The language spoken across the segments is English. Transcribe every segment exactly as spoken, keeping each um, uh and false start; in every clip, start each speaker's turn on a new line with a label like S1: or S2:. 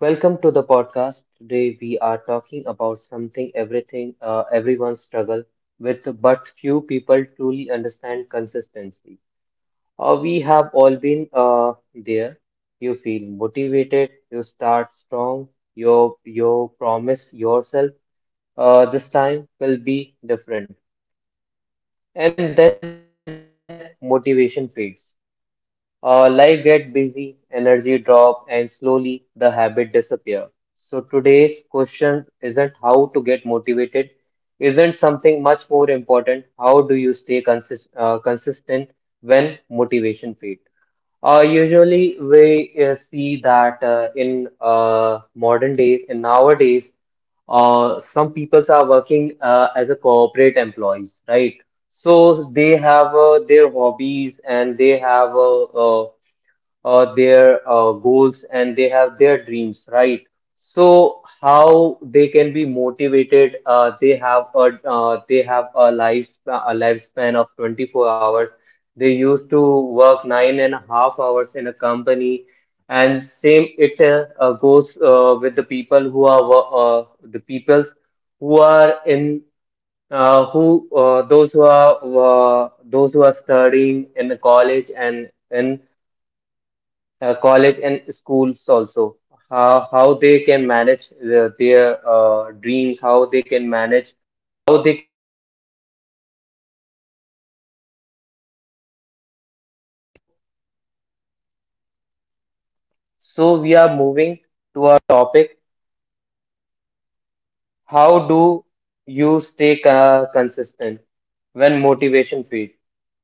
S1: Welcome to the podcast. Today we are talking about something everything uh, everyone struggle with, but few people truly understand consistency. Uh, we have all been uh, there. You feel motivated. You start strong. You you promise yourself uh, this time will be different, and then motivation fades. Uh, life get busy, energy drop, and slowly the habit disappear. So today's question isn't how to isn't something much more important. How do you stay consist uh, consistent when motivation fades? Uh, usually we uh, see that uh, in uh, modern days and nowadays, uh, some peoples are working uh, as a corporate employees, right? So they have uh, their hobbies and they have uh, uh, uh, their uh, goals and they have their dreams, right? So how they can be motivated? Uh, they have a uh, they have a life a lifespan of twenty-four hours. They used to work nine and a half hours in a company, and same it uh, goes uh, with the people who are wo- uh, the peoples who are in uh, who uh, those who are uh, those who are studying in the college and in uh, college and schools also. How how they can manage uh, their uh, dreams, how they can manage how they So we are moving to our topic. How do you stay co- consistent when motivation fades?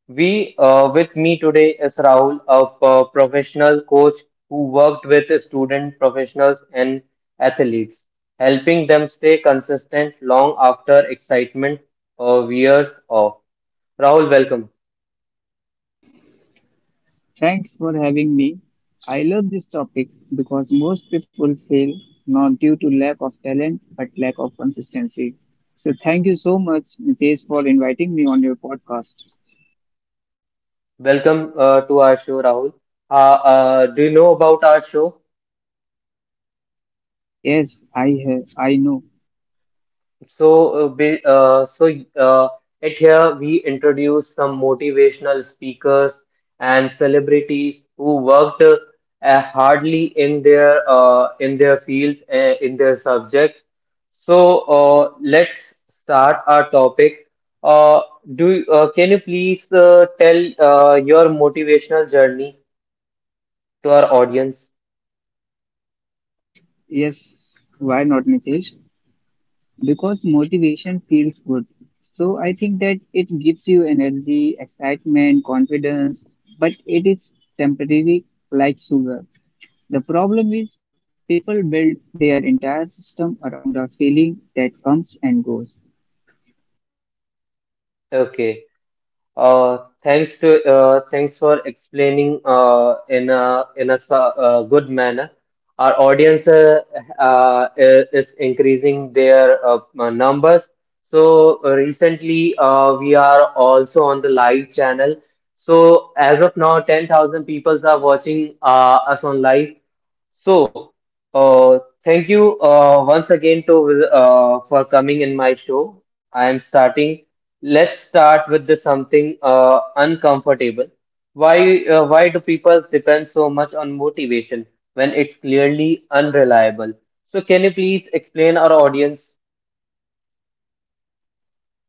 S1: We uh, With me today is Rahul, a p- professional coach who worked with student professionals and athletes, helping them stay consistent long after excitement uh, wears off. Rahul, welcome.
S2: Thanks for having me. I love this topic because most people fail not due to lack of talent but lack of consistency. So thank you so much, Nitesh, for inviting me on your podcast.
S1: Welcome uh, to our show, Rahul. Uh, uh, do you know about our show?
S2: Yes, I have, I know.
S1: So, uh, ba- uh, so uh, at here we introduce some motivational speakers and celebrities who worked uh, hardly in their uh, in their fields uh, in their subjects. So uh, let's start our topic. Uh, do uh, Can you please uh, tell uh, your motivational journey to our audience?
S2: Yes, why not, Nitesh? Because motivation feels good. So I think that it gives you energy, excitement, confidence, but it is temporary like sugar. The problem is people build their entire system around a feeling that comes and goes.
S1: Okay. Uh, thanks to uh, Thanks for explaining uh, in a in a so- uh, good manner. Our audience uh, uh, i- is increasing their uh, uh, numbers. So uh, recently, uh, we are also on the live channel. So as of now, ten thousand people are watching uh, us on live. So uh, thank you uh, once again to uh, for coming in my show. I am starting. Let's start with the something uh, uncomfortable. Why uh, why do people depend so on motivation when it's clearly unreliable? So can you please explain our audience?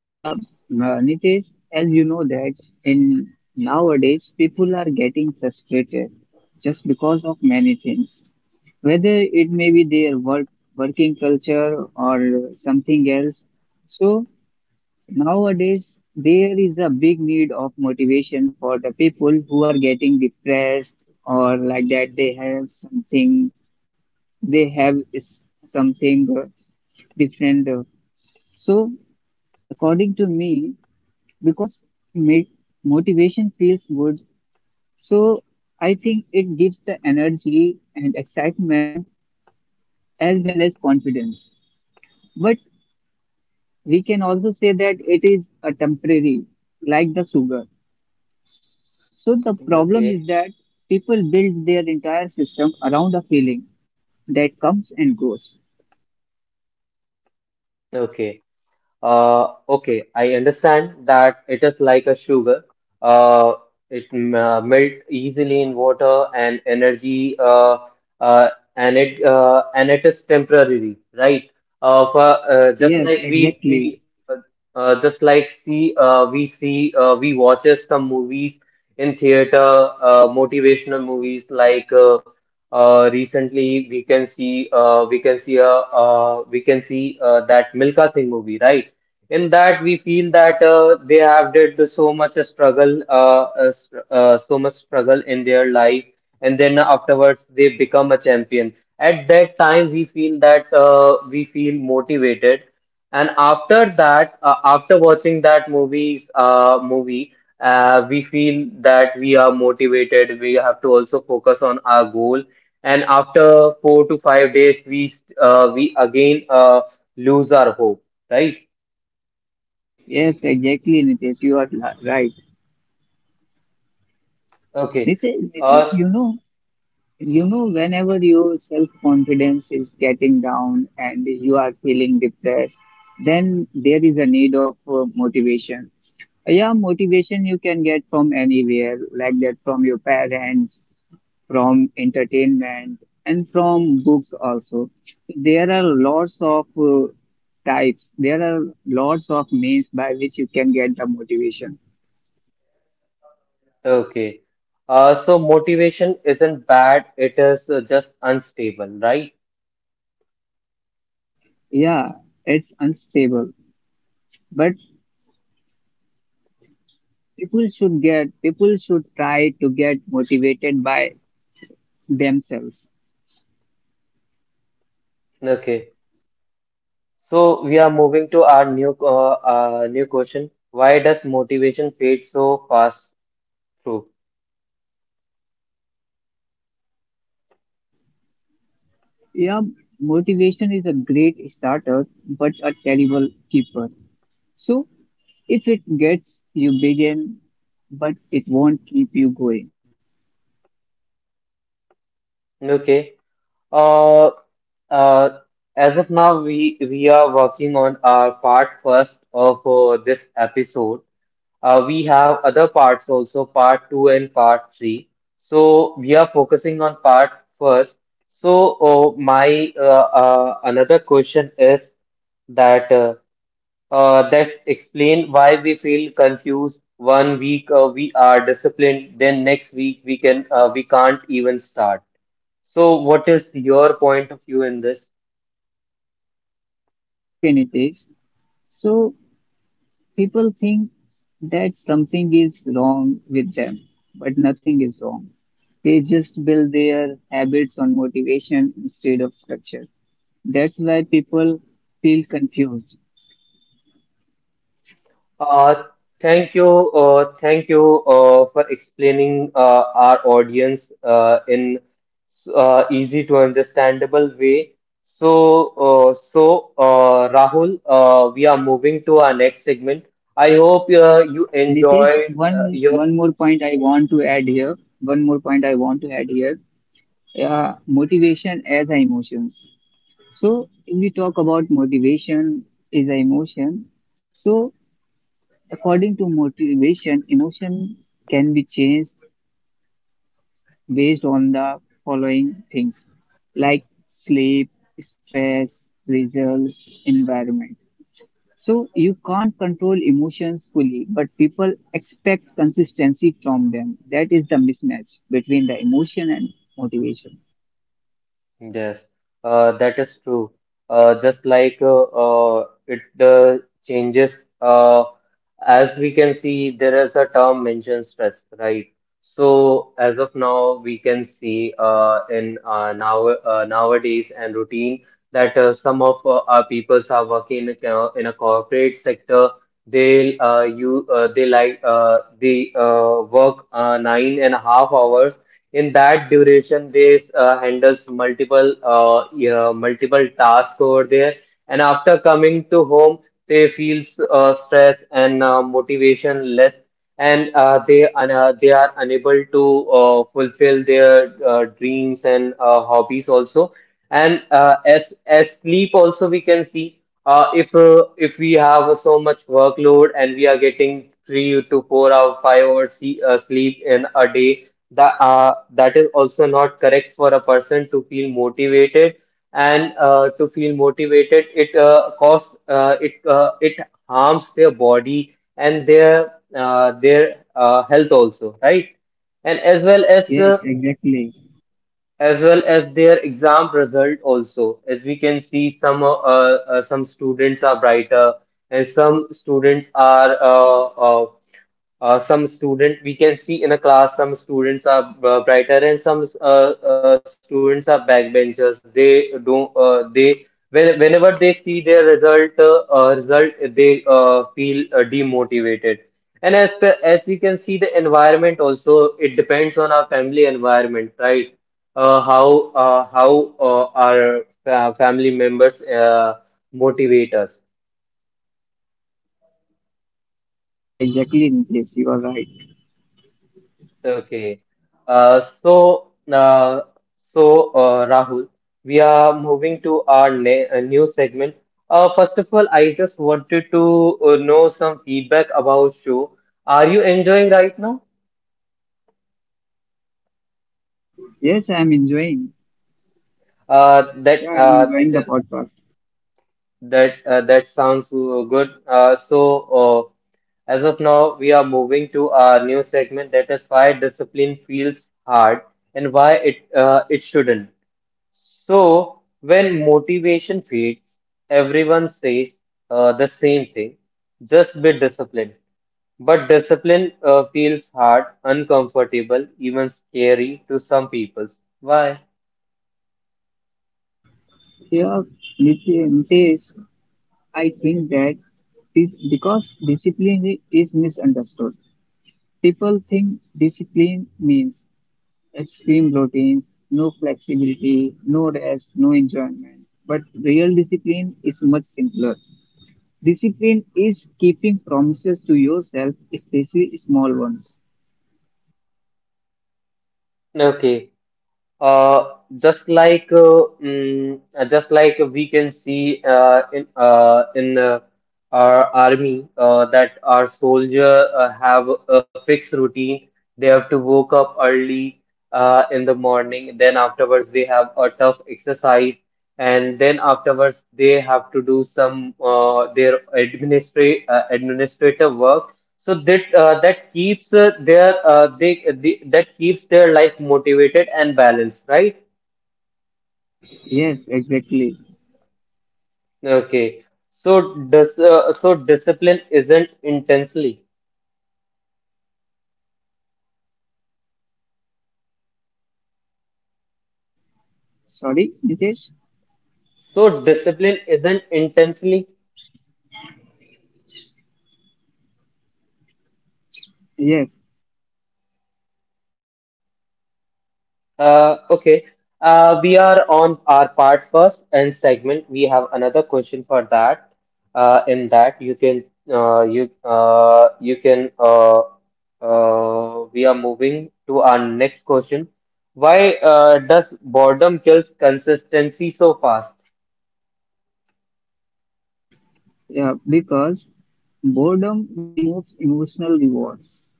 S2: Yeah, uh, Nitesh, as you know that in nowadays people are getting frustrated just because of many things. Whether it may be their work, working culture or something else. So nowadays there is a big need of motivation for the people who are getting depressed or like that they have something they have is something uh, different. uh. So, according to me, because ma- motivation feels good, so I think it gives the energy and excitement as well as confidence. But we can also say that it is a temporary, like the sugar. So, the problem is
S1: Okay,
S2: that people build their entire system around a feeling that comes and goes.
S1: okay. Uh, okay, I understand that it is like a sugar. Uh, it m- uh, melt easily in water and energy, uh, uh, and it uh, and it is temporary, right? Uh, for uh, just
S2: Yes,
S1: like we
S2: exactly.
S1: see, uh, uh, just like see, uh, we see, uh, We watches some movies in theater, uh, motivational movies like. Uh, uh, recently, we can see uh, we can see uh, uh, we can see uh, that Milka Singh movie, right? In that we feel that uh, they have did the so much struggle uh, uh, uh, so much struggle in their life, and then afterwards they become a champion. At that time we feel that uh, we feel motivated, and after that uh, after watching that movies uh, movie, uh, we feel that we are motivated. We have to also focus on our goal, and after four to five days we uh, we again uh, lose our hope, right?
S2: Yes, exactly, Nitesh. You are la- right.
S1: Okay.
S2: This is,
S1: Uh, s-
S2: Nitish, you know, you know, whenever your self-confidence is getting down and you are feeling depressed, then there is a need of uh, motivation. Yeah, motivation you can get from anywhere, like that from your parents, from entertainment, and from books also. There are lots of uh, types. There are lots of means by which you can get the motivation.
S1: okay. Uh, so motivation isn't bad, it is uh, just unstable, right?
S2: Yeah, it's unstable. But. People should get people should try to get motivated by themselves.
S1: Okay. So we are moving to our new uh, uh, new question. Why does motivation fade so fast through?
S2: Yeah, motivation is a great starter but a terrible keeper. So if it gets you begin, but it won't keep you going.
S1: Okay. Uh, uh, as of now, we we are working on our part first of uh, this episode. Uh, we have other parts also, part two and part three. So we are focusing on part first. So uh, my uh, uh, another question is that uh, uh, that explain why we feel confused. One week uh, we are disciplined, then next week we can uh, we can't even start. So what is your point of view in this?
S2: Okay, Nitesh, so people think that something is wrong with them, but nothing is wrong. They just build their habits on motivation instead of structure. That's why people feel confused.
S1: Uh, thank you, uh, Thank you uh, for explaining uh, our audience uh, in s- uh, easy to understandable way. So, uh, so uh, Rahul, uh, we are moving to our next segment. I hope uh, you
S2: Nitish,
S1: enjoyed uh,
S2: one
S1: your.
S2: one more point I want to add here. One more point I want to add here. Uh, motivation as a emotions. So if we talk about motivation is a emotion. So according to motivation, emotion can be changed based on the following things like sleep, stress, results, environment. So you can't control emotions fully, but people expect consistency from them. That is the mismatch between the emotion and motivation.
S1: Yes, uh, that is true. Uh, just like uh, uh, it uh, Changes, uh, as we can see, there is a term mentioned stress, right? So as of now, we can see uh, in uh, now uh, nowadays and routine that uh, some of uh, our peoples are working in a, in a corporate sector. They uh, you uh, they like uh, they uh, work uh, nine and a half hours. In that duration, they uh, handles multiple uh, yeah, multiple tasks over there, and after coming to home, they feels uh, stress and uh, motivation less, and uh, they un- uh, they are unable to uh, fulfill their uh, dreams and uh, hobbies also. And uh, as as sleep also, we can see uh, if uh, if we have so much workload and we are getting three to four hours five hours see, uh, sleep in a day. That uh, that is also not correct for a person to feel motivated, and uh, to feel motivated it uh, costs uh, it uh, it harms their body and their uh, their uh, health also, right? And as well as
S2: Yes,
S1: uh,
S2: exactly.
S1: as well as their exam result also. As we can see, some uh, uh, some students are brighter and some students are uh, uh, uh, some student we can see in a class, some students are uh, brighter and some uh, uh, students are backbenchers. They don't uh, they when, whenever they see their result uh, uh, result, they uh, feel uh, demotivated. And as the, as we can see, the environment also, it depends on our family environment, right? uh, how uh, how uh, our fa- family members uh, motivate us.
S2: Yes, exactly, Nitesh. You are right.
S1: Okay. Uh, so, uh, so uh, Rahul, we are moving to our ne uh, new segment. Uh, first of all, I just wanted to uh, know some feedback about you. Are you enjoying right now?
S2: Yes, I am enjoying.
S1: Uh, that
S2: Yeah, I am
S1: uh, that
S2: enjoying the
S1: is,
S2: podcast.
S1: that uh, that sounds uh, good. Uh, so, uh, as of now, we are moving to our new segment. That is why discipline feels hard and why it uh, it shouldn't. So, when motivation fades, everyone says uh, the same thing: just be disciplined. But discipline uh, feels hard, uncomfortable, even scary to some people. Why?
S2: Yeah, Nite- Nitesh, I think that this, because discipline is misunderstood. People think discipline means extreme routines, no flexibility, no rest, no enjoyment. But real discipline is much simpler. Discipline is keeping promises to yourself, especially small ones.
S1: Okay. Uh, just like uh, mm, uh, just like we can see uh, in uh, in uh, our army, uh, that our soldier uh, have a fixed routine. They have to woke up early uh, in the morning. Then afterwards they have a tough exercise, and then afterwards they have to do some uh, their administra uh, administrative work, so that uh, that keeps uh, their uh, they, the that keeps their life motivated and balanced, right?
S2: Yes, exactly.
S1: Okay. So does uh, so discipline isn't intensely.
S2: Sorry, Nitesh?
S1: So discipline isn't intensely.
S2: Yes,
S1: Uh, okay. Uh, we are on our part first and segment. We have another question for that. Uh, in that you can uh, you uh, you can uh, uh, We are moving to our next question. Why uh, does boredom kills consistency so fast?
S2: yeah, because boredom removes emotional rewards.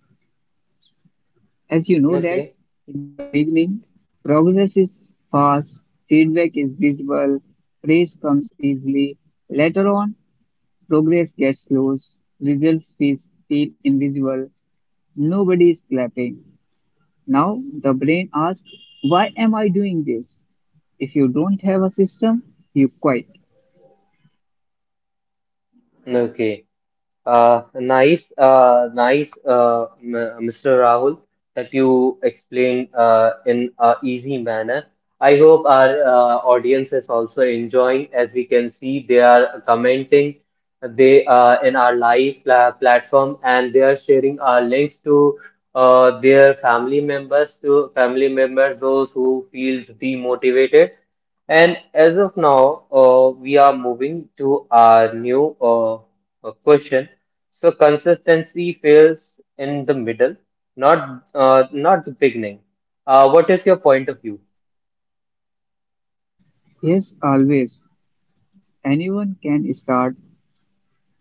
S2: As you know that
S1: Okay.
S2: in the beginning, progress is fast, feedback is visible, praise comes easily. Later on, progress gets lost, results feel feel invisible, nobody is clapping. Now the brain asks, why am I doing this? If you don't have a system, you quit.
S1: Okay. Uh, nice, uh, nice, uh, M- Mister Rahul, that you explained uh, in a easy manner. I hope our uh, audience is also enjoying. As we can see, they are commenting. They uh, in our live pla platform, and they are sharing our links to uh, their family members, to family members, those who feels demotivated. And as of now, uh, we are moving to our new uh, uh, question. So consistency fails in the middle, not uh, not the beginning. Uh, what is your point of view?
S2: Yes, always. Anyone can start,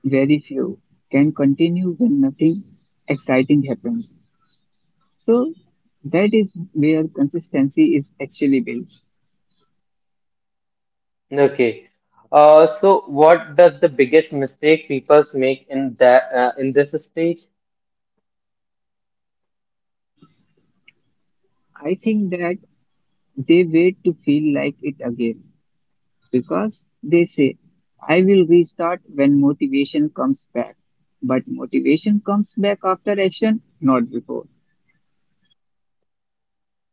S2: very few can continue when nothing exciting happens. So that is where consistency is actually built.
S1: Okay. Uh, so what does the biggest mistake people make in that uh, in this stage?
S2: I think that they wait to feel like it again, because they say, I will restart when motivation comes back. But motivation comes back after action, not before.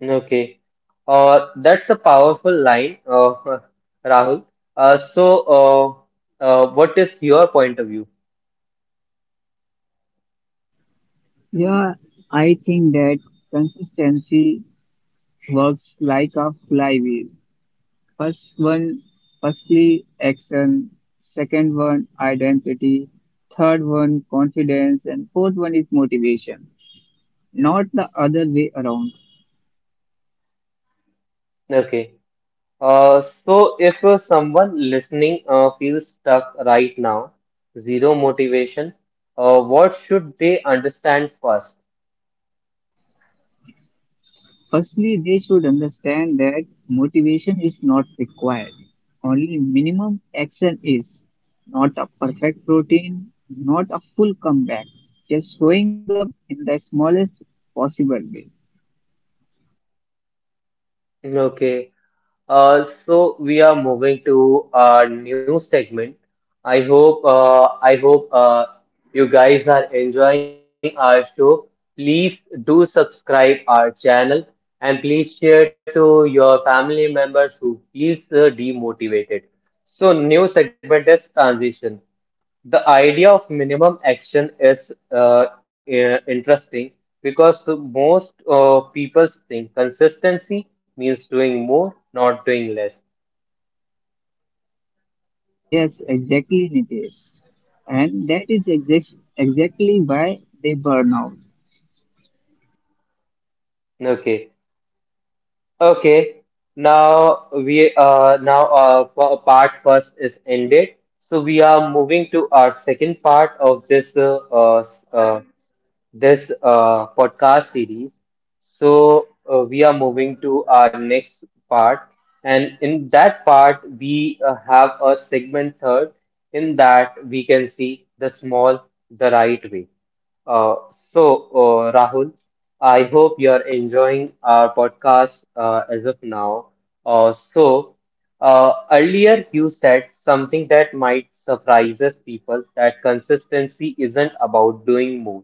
S1: Okay. Uh, that's a powerful line, uh, Rahul. Uh, so uh, uh, what is your point of view?
S2: Yeah, I think that consistency works like a flywheel. First one, Firstly, action. Second one, identity. Third one, confidence. And fourth one is motivation, not the other way around.
S1: Okay. Uh, so, if uh, someone listening uh, feels stuck right now, zero motivation, uh, what should they understand first?
S2: Firstly, they should understand that motivation is not required. Only minimum action is not a perfect routine, not a full comeback, just showing up in the smallest possible way.
S1: Okay, uh, so we are moving to a new segment. I hope uh, I hope uh, you guys are enjoying our show. Please do subscribe our channel, and please share to your family members who feels uh, demotivated. So new segment is transition. The idea of minimum action is uh, i- interesting because most uh, people think consistency means doing more, not doing less.
S2: Yes, exactly, Nitesh. And that is exact, exactly why they burn out.
S1: Okay. Okay, now we uh now uh for part first is ended, so we are moving to our second part of this uh, uh, s- uh this uh podcast series. So uh, we are moving to our next part, and in that part we uh, have a segment third. In that we can see the small the right way. Uh, so uh, Rahul, I hope you are enjoying our podcast uh, as of now. Uh, so, uh, Earlier you said something that might surprises people that consistency isn't about doing more.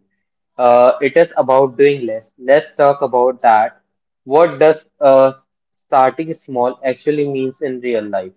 S1: Uh, it is about doing less. Let's talk about that. What does uh, starting small actually means in real life?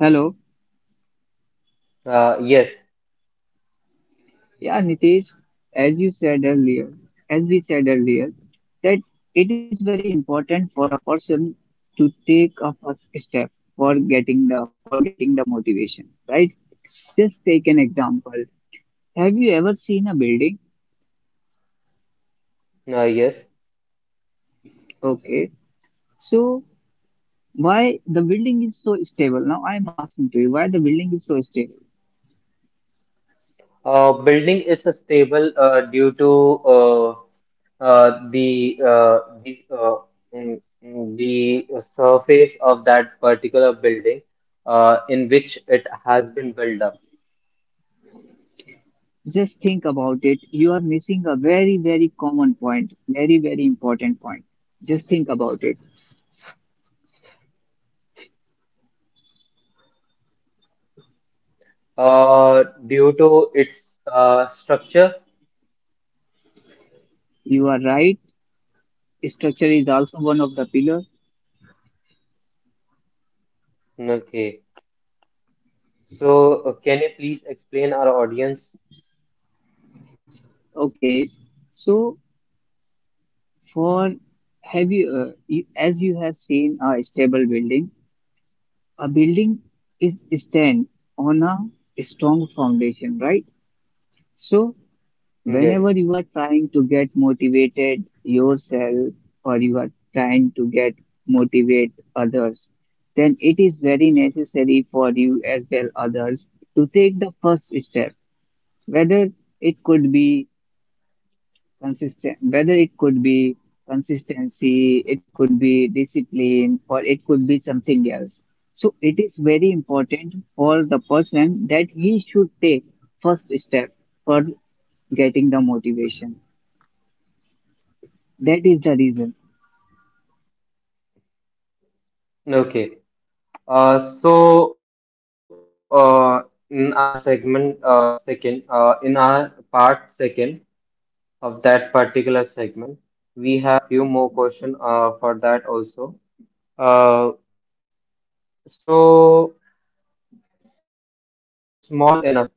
S2: Hello.
S1: Uh, yes,
S2: Yeah, Nitish, as you said earlier, as we said earlier, that it is very important for a person to take a first step for getting the for getting the motivation, right? Just take an example. Have you ever seen a building?
S1: uh, yes.
S2: Okay, so why the building is so stable? Now I am asking to you why the building is so stable.
S1: Uh, building is stable uh, due to uh, uh, the uh, the uh, mm, mm, the surface of that particular building uh, in which it has been built up
S2: Just think about it. You are missing a very, very common point, very, very important point. Just think about it.
S1: uh, due to its uh, structure.
S2: You are right, structure is also one of the pillar.
S1: Okay. So, uh, can you please explain our audience?
S2: Okay, so for have you uh, you- as you have seen a stable building, a building is stand on a strong foundation, right? So
S1: Yes.
S2: whenever you are trying to get motivated yourself or you are trying to get motivate others, then it is very necessary for you as well others to take the first step. Whether it could be consistent whether it could be consistency, it could be discipline or it could be something else. So it is very important for the person that he should take first step for getting the motivation. That is the reason.
S1: Okay. Uh, so, uh, in our segment uh, second, uh, in our part second, of that particular segment. We have few more question uh, for that also. Uh, so so what is small enough?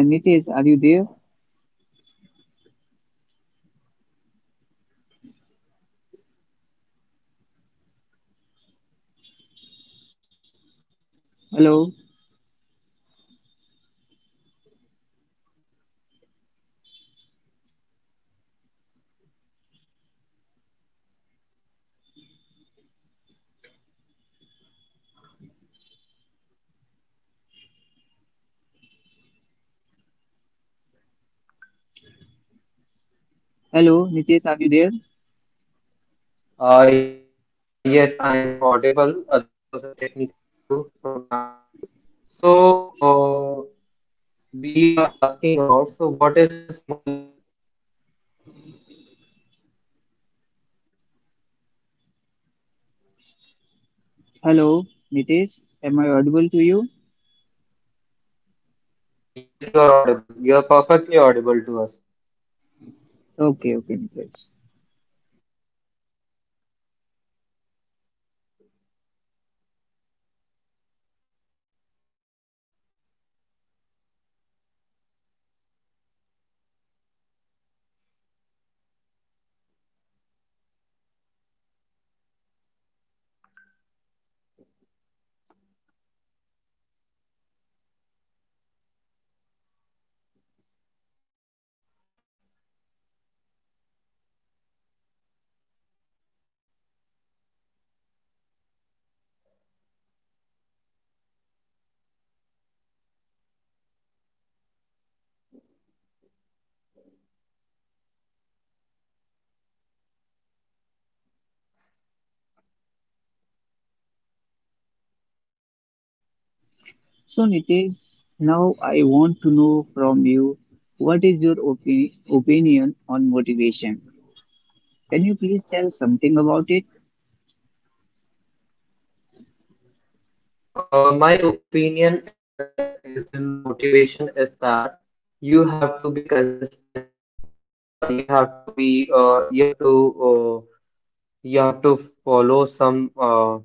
S2: Yeah, Nitesh, are you there? Hello. Hello, Nitesh, are you there?
S1: Uh, yes, I am audible. Uh, there was a technical issue from our side. So uh, we are asking about so what is small enough?
S2: Hello, Nitesh, am I audible to you?
S1: Yes, you are audible. You are perfectly audible to us.
S2: Okay, okay, Nitesh. So, Nitesh, now I want to know from you, what is your opi- opinion on motivation? Can you please tell something about it?
S1: Uh, my opinion uh, is in motivation is that you have to be consistent. Uh, you have to be. Uh, you have to. Uh, you have to follow some uh,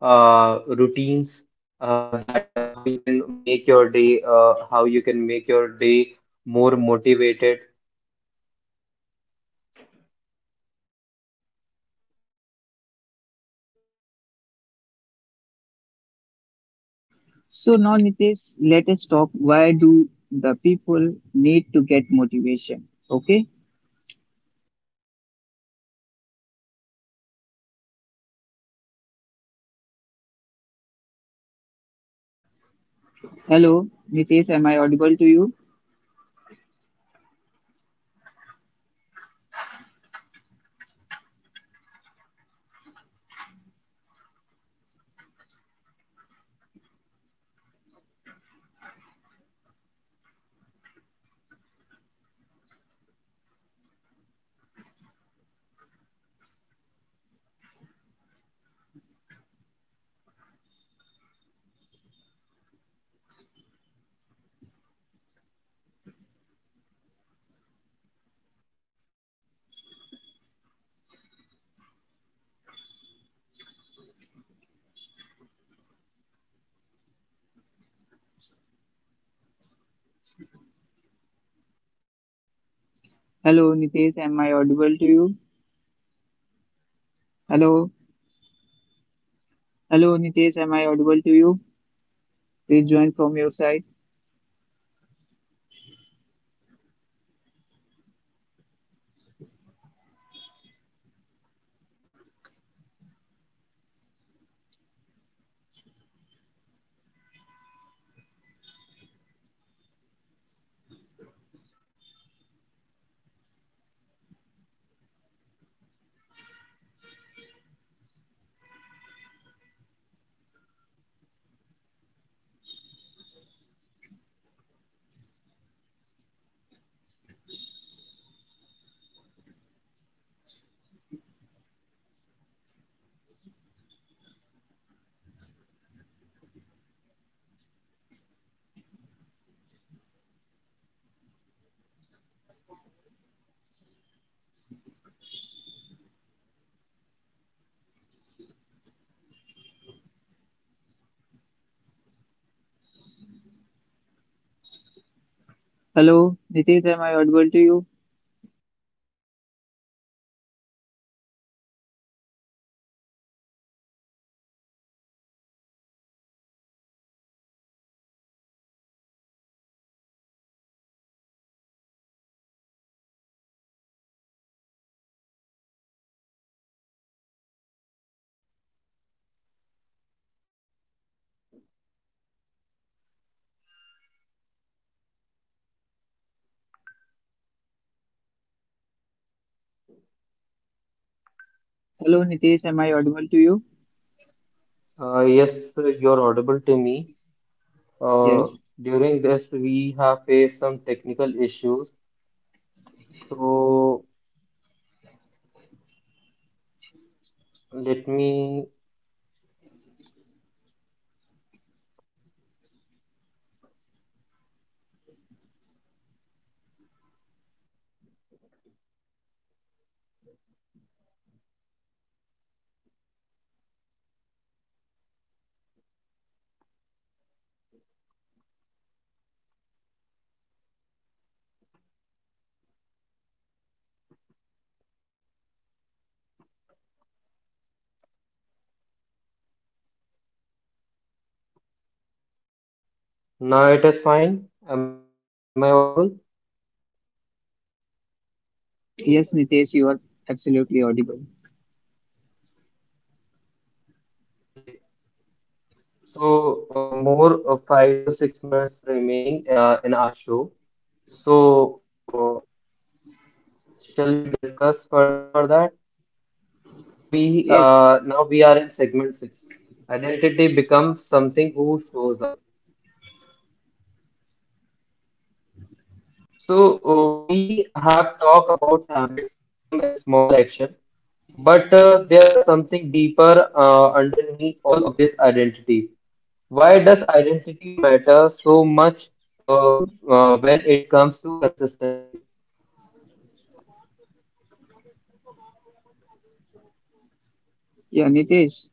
S1: uh, routines uh, uh, how you can make your day. Uh, how you can make your day more.
S2: So, now, Nitesh, let us talk why do the people need to get motivation? Okay. Hello, Nitesh, am I audible to you? Hello, Nitesh, am I audible to you? Hello, hello, Nitesh, am I audible to you? Please join from your side. Hello, Nitesh, am I audible to you? Hello, Nitesh, am I audible to you?
S1: Uh, yes, you're audible to me. Uh,
S2: Yes.
S1: During this, we have faced some technical issues. So let me. Now it is fine. Am I audible?
S2: Yes, Nitesh, you are absolutely audible.
S1: Okay. So uh, more uh, five to six minutes remaining uh, in our show. So uh, shall we discuss further for that? Now we
S2: Yes,
S1: uh, now we are in segment six. Identity becomes something who shows up. So, uh, we have talked about habits, system, and small action, but uh, there are something deeper uh, underneath all of this identity. Why does identity matter so much uh, uh, when it comes to consistency?
S2: yeah, Nitesh,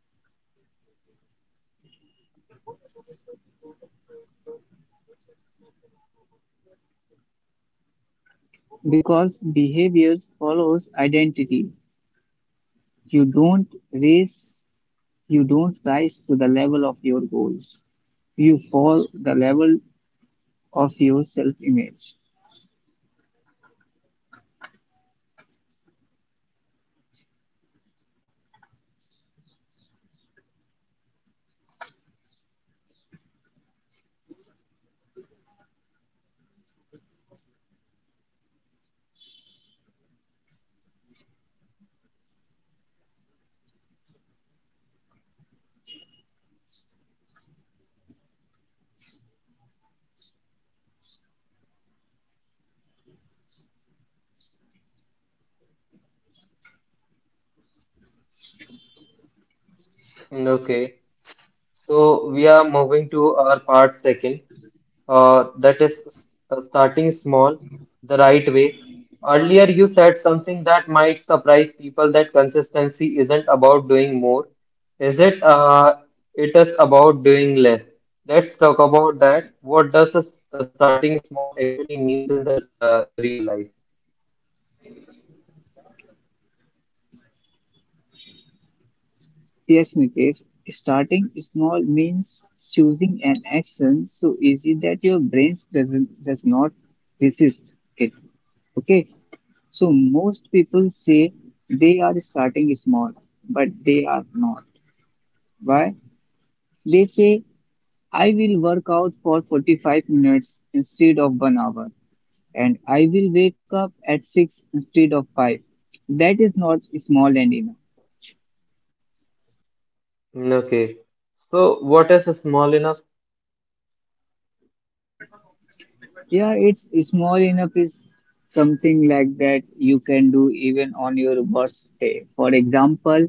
S2: because behaviors follows identity. You don't raise, you don't rise to the level of your goals. You fall the level of your self-image.
S1: Okay, so we are moving to our part second, uh, that is s- uh, starting the right way. Earlier, you said something that might surprise people that consistency isn't about doing more. Is it, uh, it is about doing less. Let's talk about that. What does a s- a starting small actually means in the uh, real life?
S2: Yes, Nitesh, starting small means choosing an action so easy that your brain doesn't does not resist it. Okay, so most people say they are starting small, but they are not. Why? They say, I will work out for forty-five minutes instead of one hour, and I will wake up at six instead of five. That is not small and enough.
S1: Okay, so what is small enough?
S2: Yeah, it's small enough is something like that you can do even on your worst day. For example,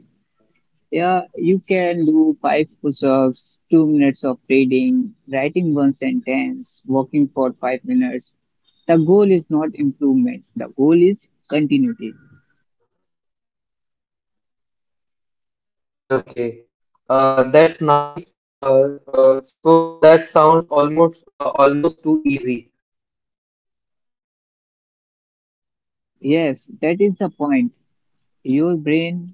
S2: yeah, you can do five push-ups, two minutes of reading, writing one sentence, walking for five minutes. The goal is not improvement. The goal is continuity.
S1: Okay, uh, that's nice. Uh, uh, so that sounds almost uh, almost too easy.
S2: Yes, that is the point. Your brain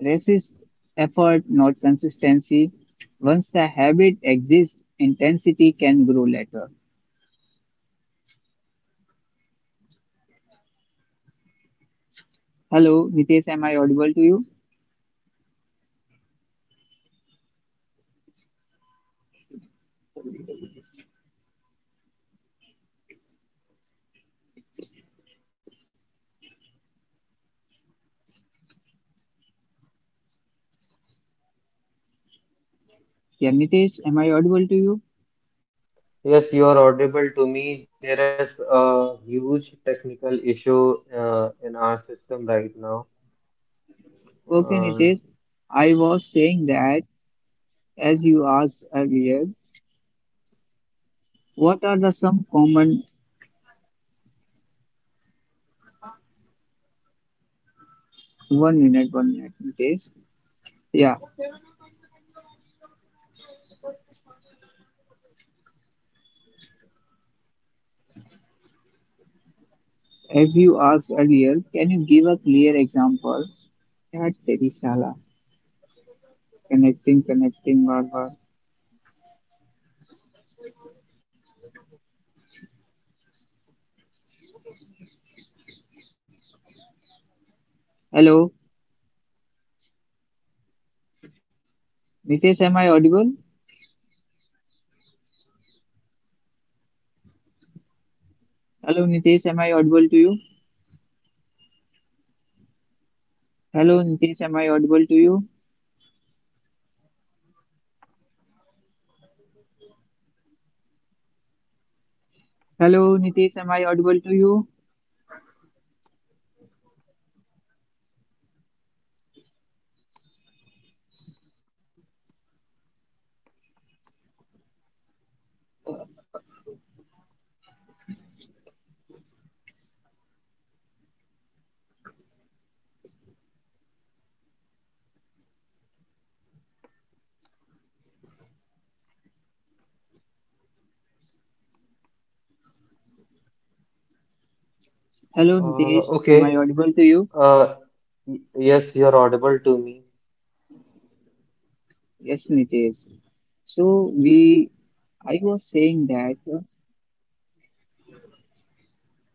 S2: resists effort, not consistency. Once the habit exists, intensity can grow later. Hello, Nitesh, am I audible to you? Yeah, Nitesh, am I audible to you?
S1: Yes, you are audible to me. There is a huge technical issue uh, in our system right now.
S2: Okay,
S1: Uh,
S2: Nitesh, I was saying that as you asked earlier, what are the some common one minute one minute mistakes? Yeah, as you asked earlier, can you give a clear example? Yaar, teri sala. Connecting, connecting, baar baar. Hello, Nitesh, am I audible? Hello, Nitesh, am I audible to you? Hello, Nitesh, am I audible to you? Hello, Nitesh, am I audible to you? Hello,
S1: uh,
S2: Nitesh,
S1: okay.
S2: am I audible to you?
S1: Uh, y- yes, you are audible to me.
S2: Yes, Nitesh. So we I was saying that.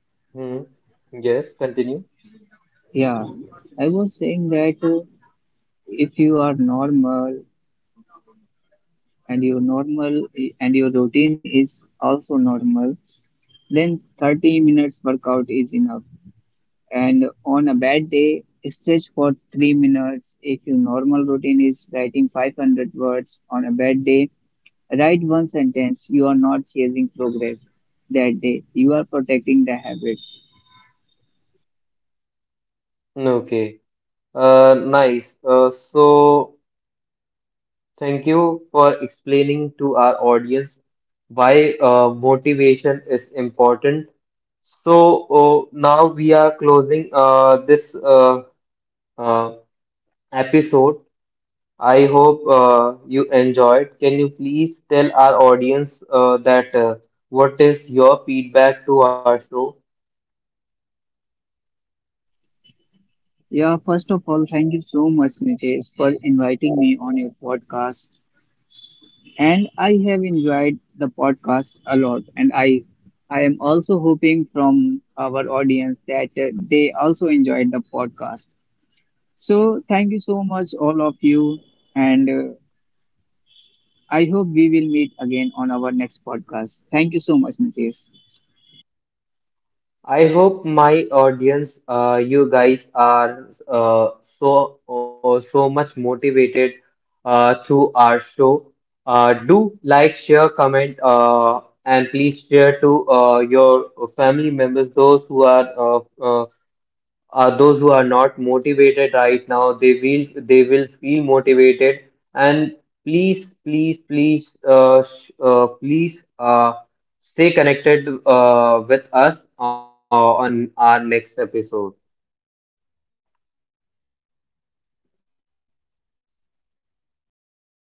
S1: Hmm. Yes, continue.
S2: Yeah, I was saying that uh, if you are normal and your normal and your routine is also normal, then thirty minutes workout is enough. And on a bad day, stretch for three minutes. If your normal routine is writing five hundred words, on a bad day, write one sentence. You are not chasing progress that day. You are protecting the habits.
S1: Okay. Uh, nice. Uh, so, thank you for explaining to our audience why uh, motivation is important. So, uh, now we are closing uh, this uh, uh, episode. I hope uh, you enjoyed. Can you please tell our audience uh, that uh, what is your feedback to our show?
S2: Yeah, first of all, thank you so much, Nitesh, for inviting me on your podcast. And I have enjoyed the podcast a lot. And I, I am also hoping from our audience that uh, they also enjoyed the podcast. So thank you so much, all of you, and uh, I hope we will meet again on our next podcast. Thank you so much, Nitesh.
S1: I hope my audience, uh, you guys are uh, so uh, so much motivated uh, through our show. Uh, do like, share, comment, uh, and please share to uh, your family members, those who are uh, uh, uh, those who are not motivated right now they will they will feel motivated and please please please uh, sh- uh, please uh, stay connected uh, with us uh, on our next episode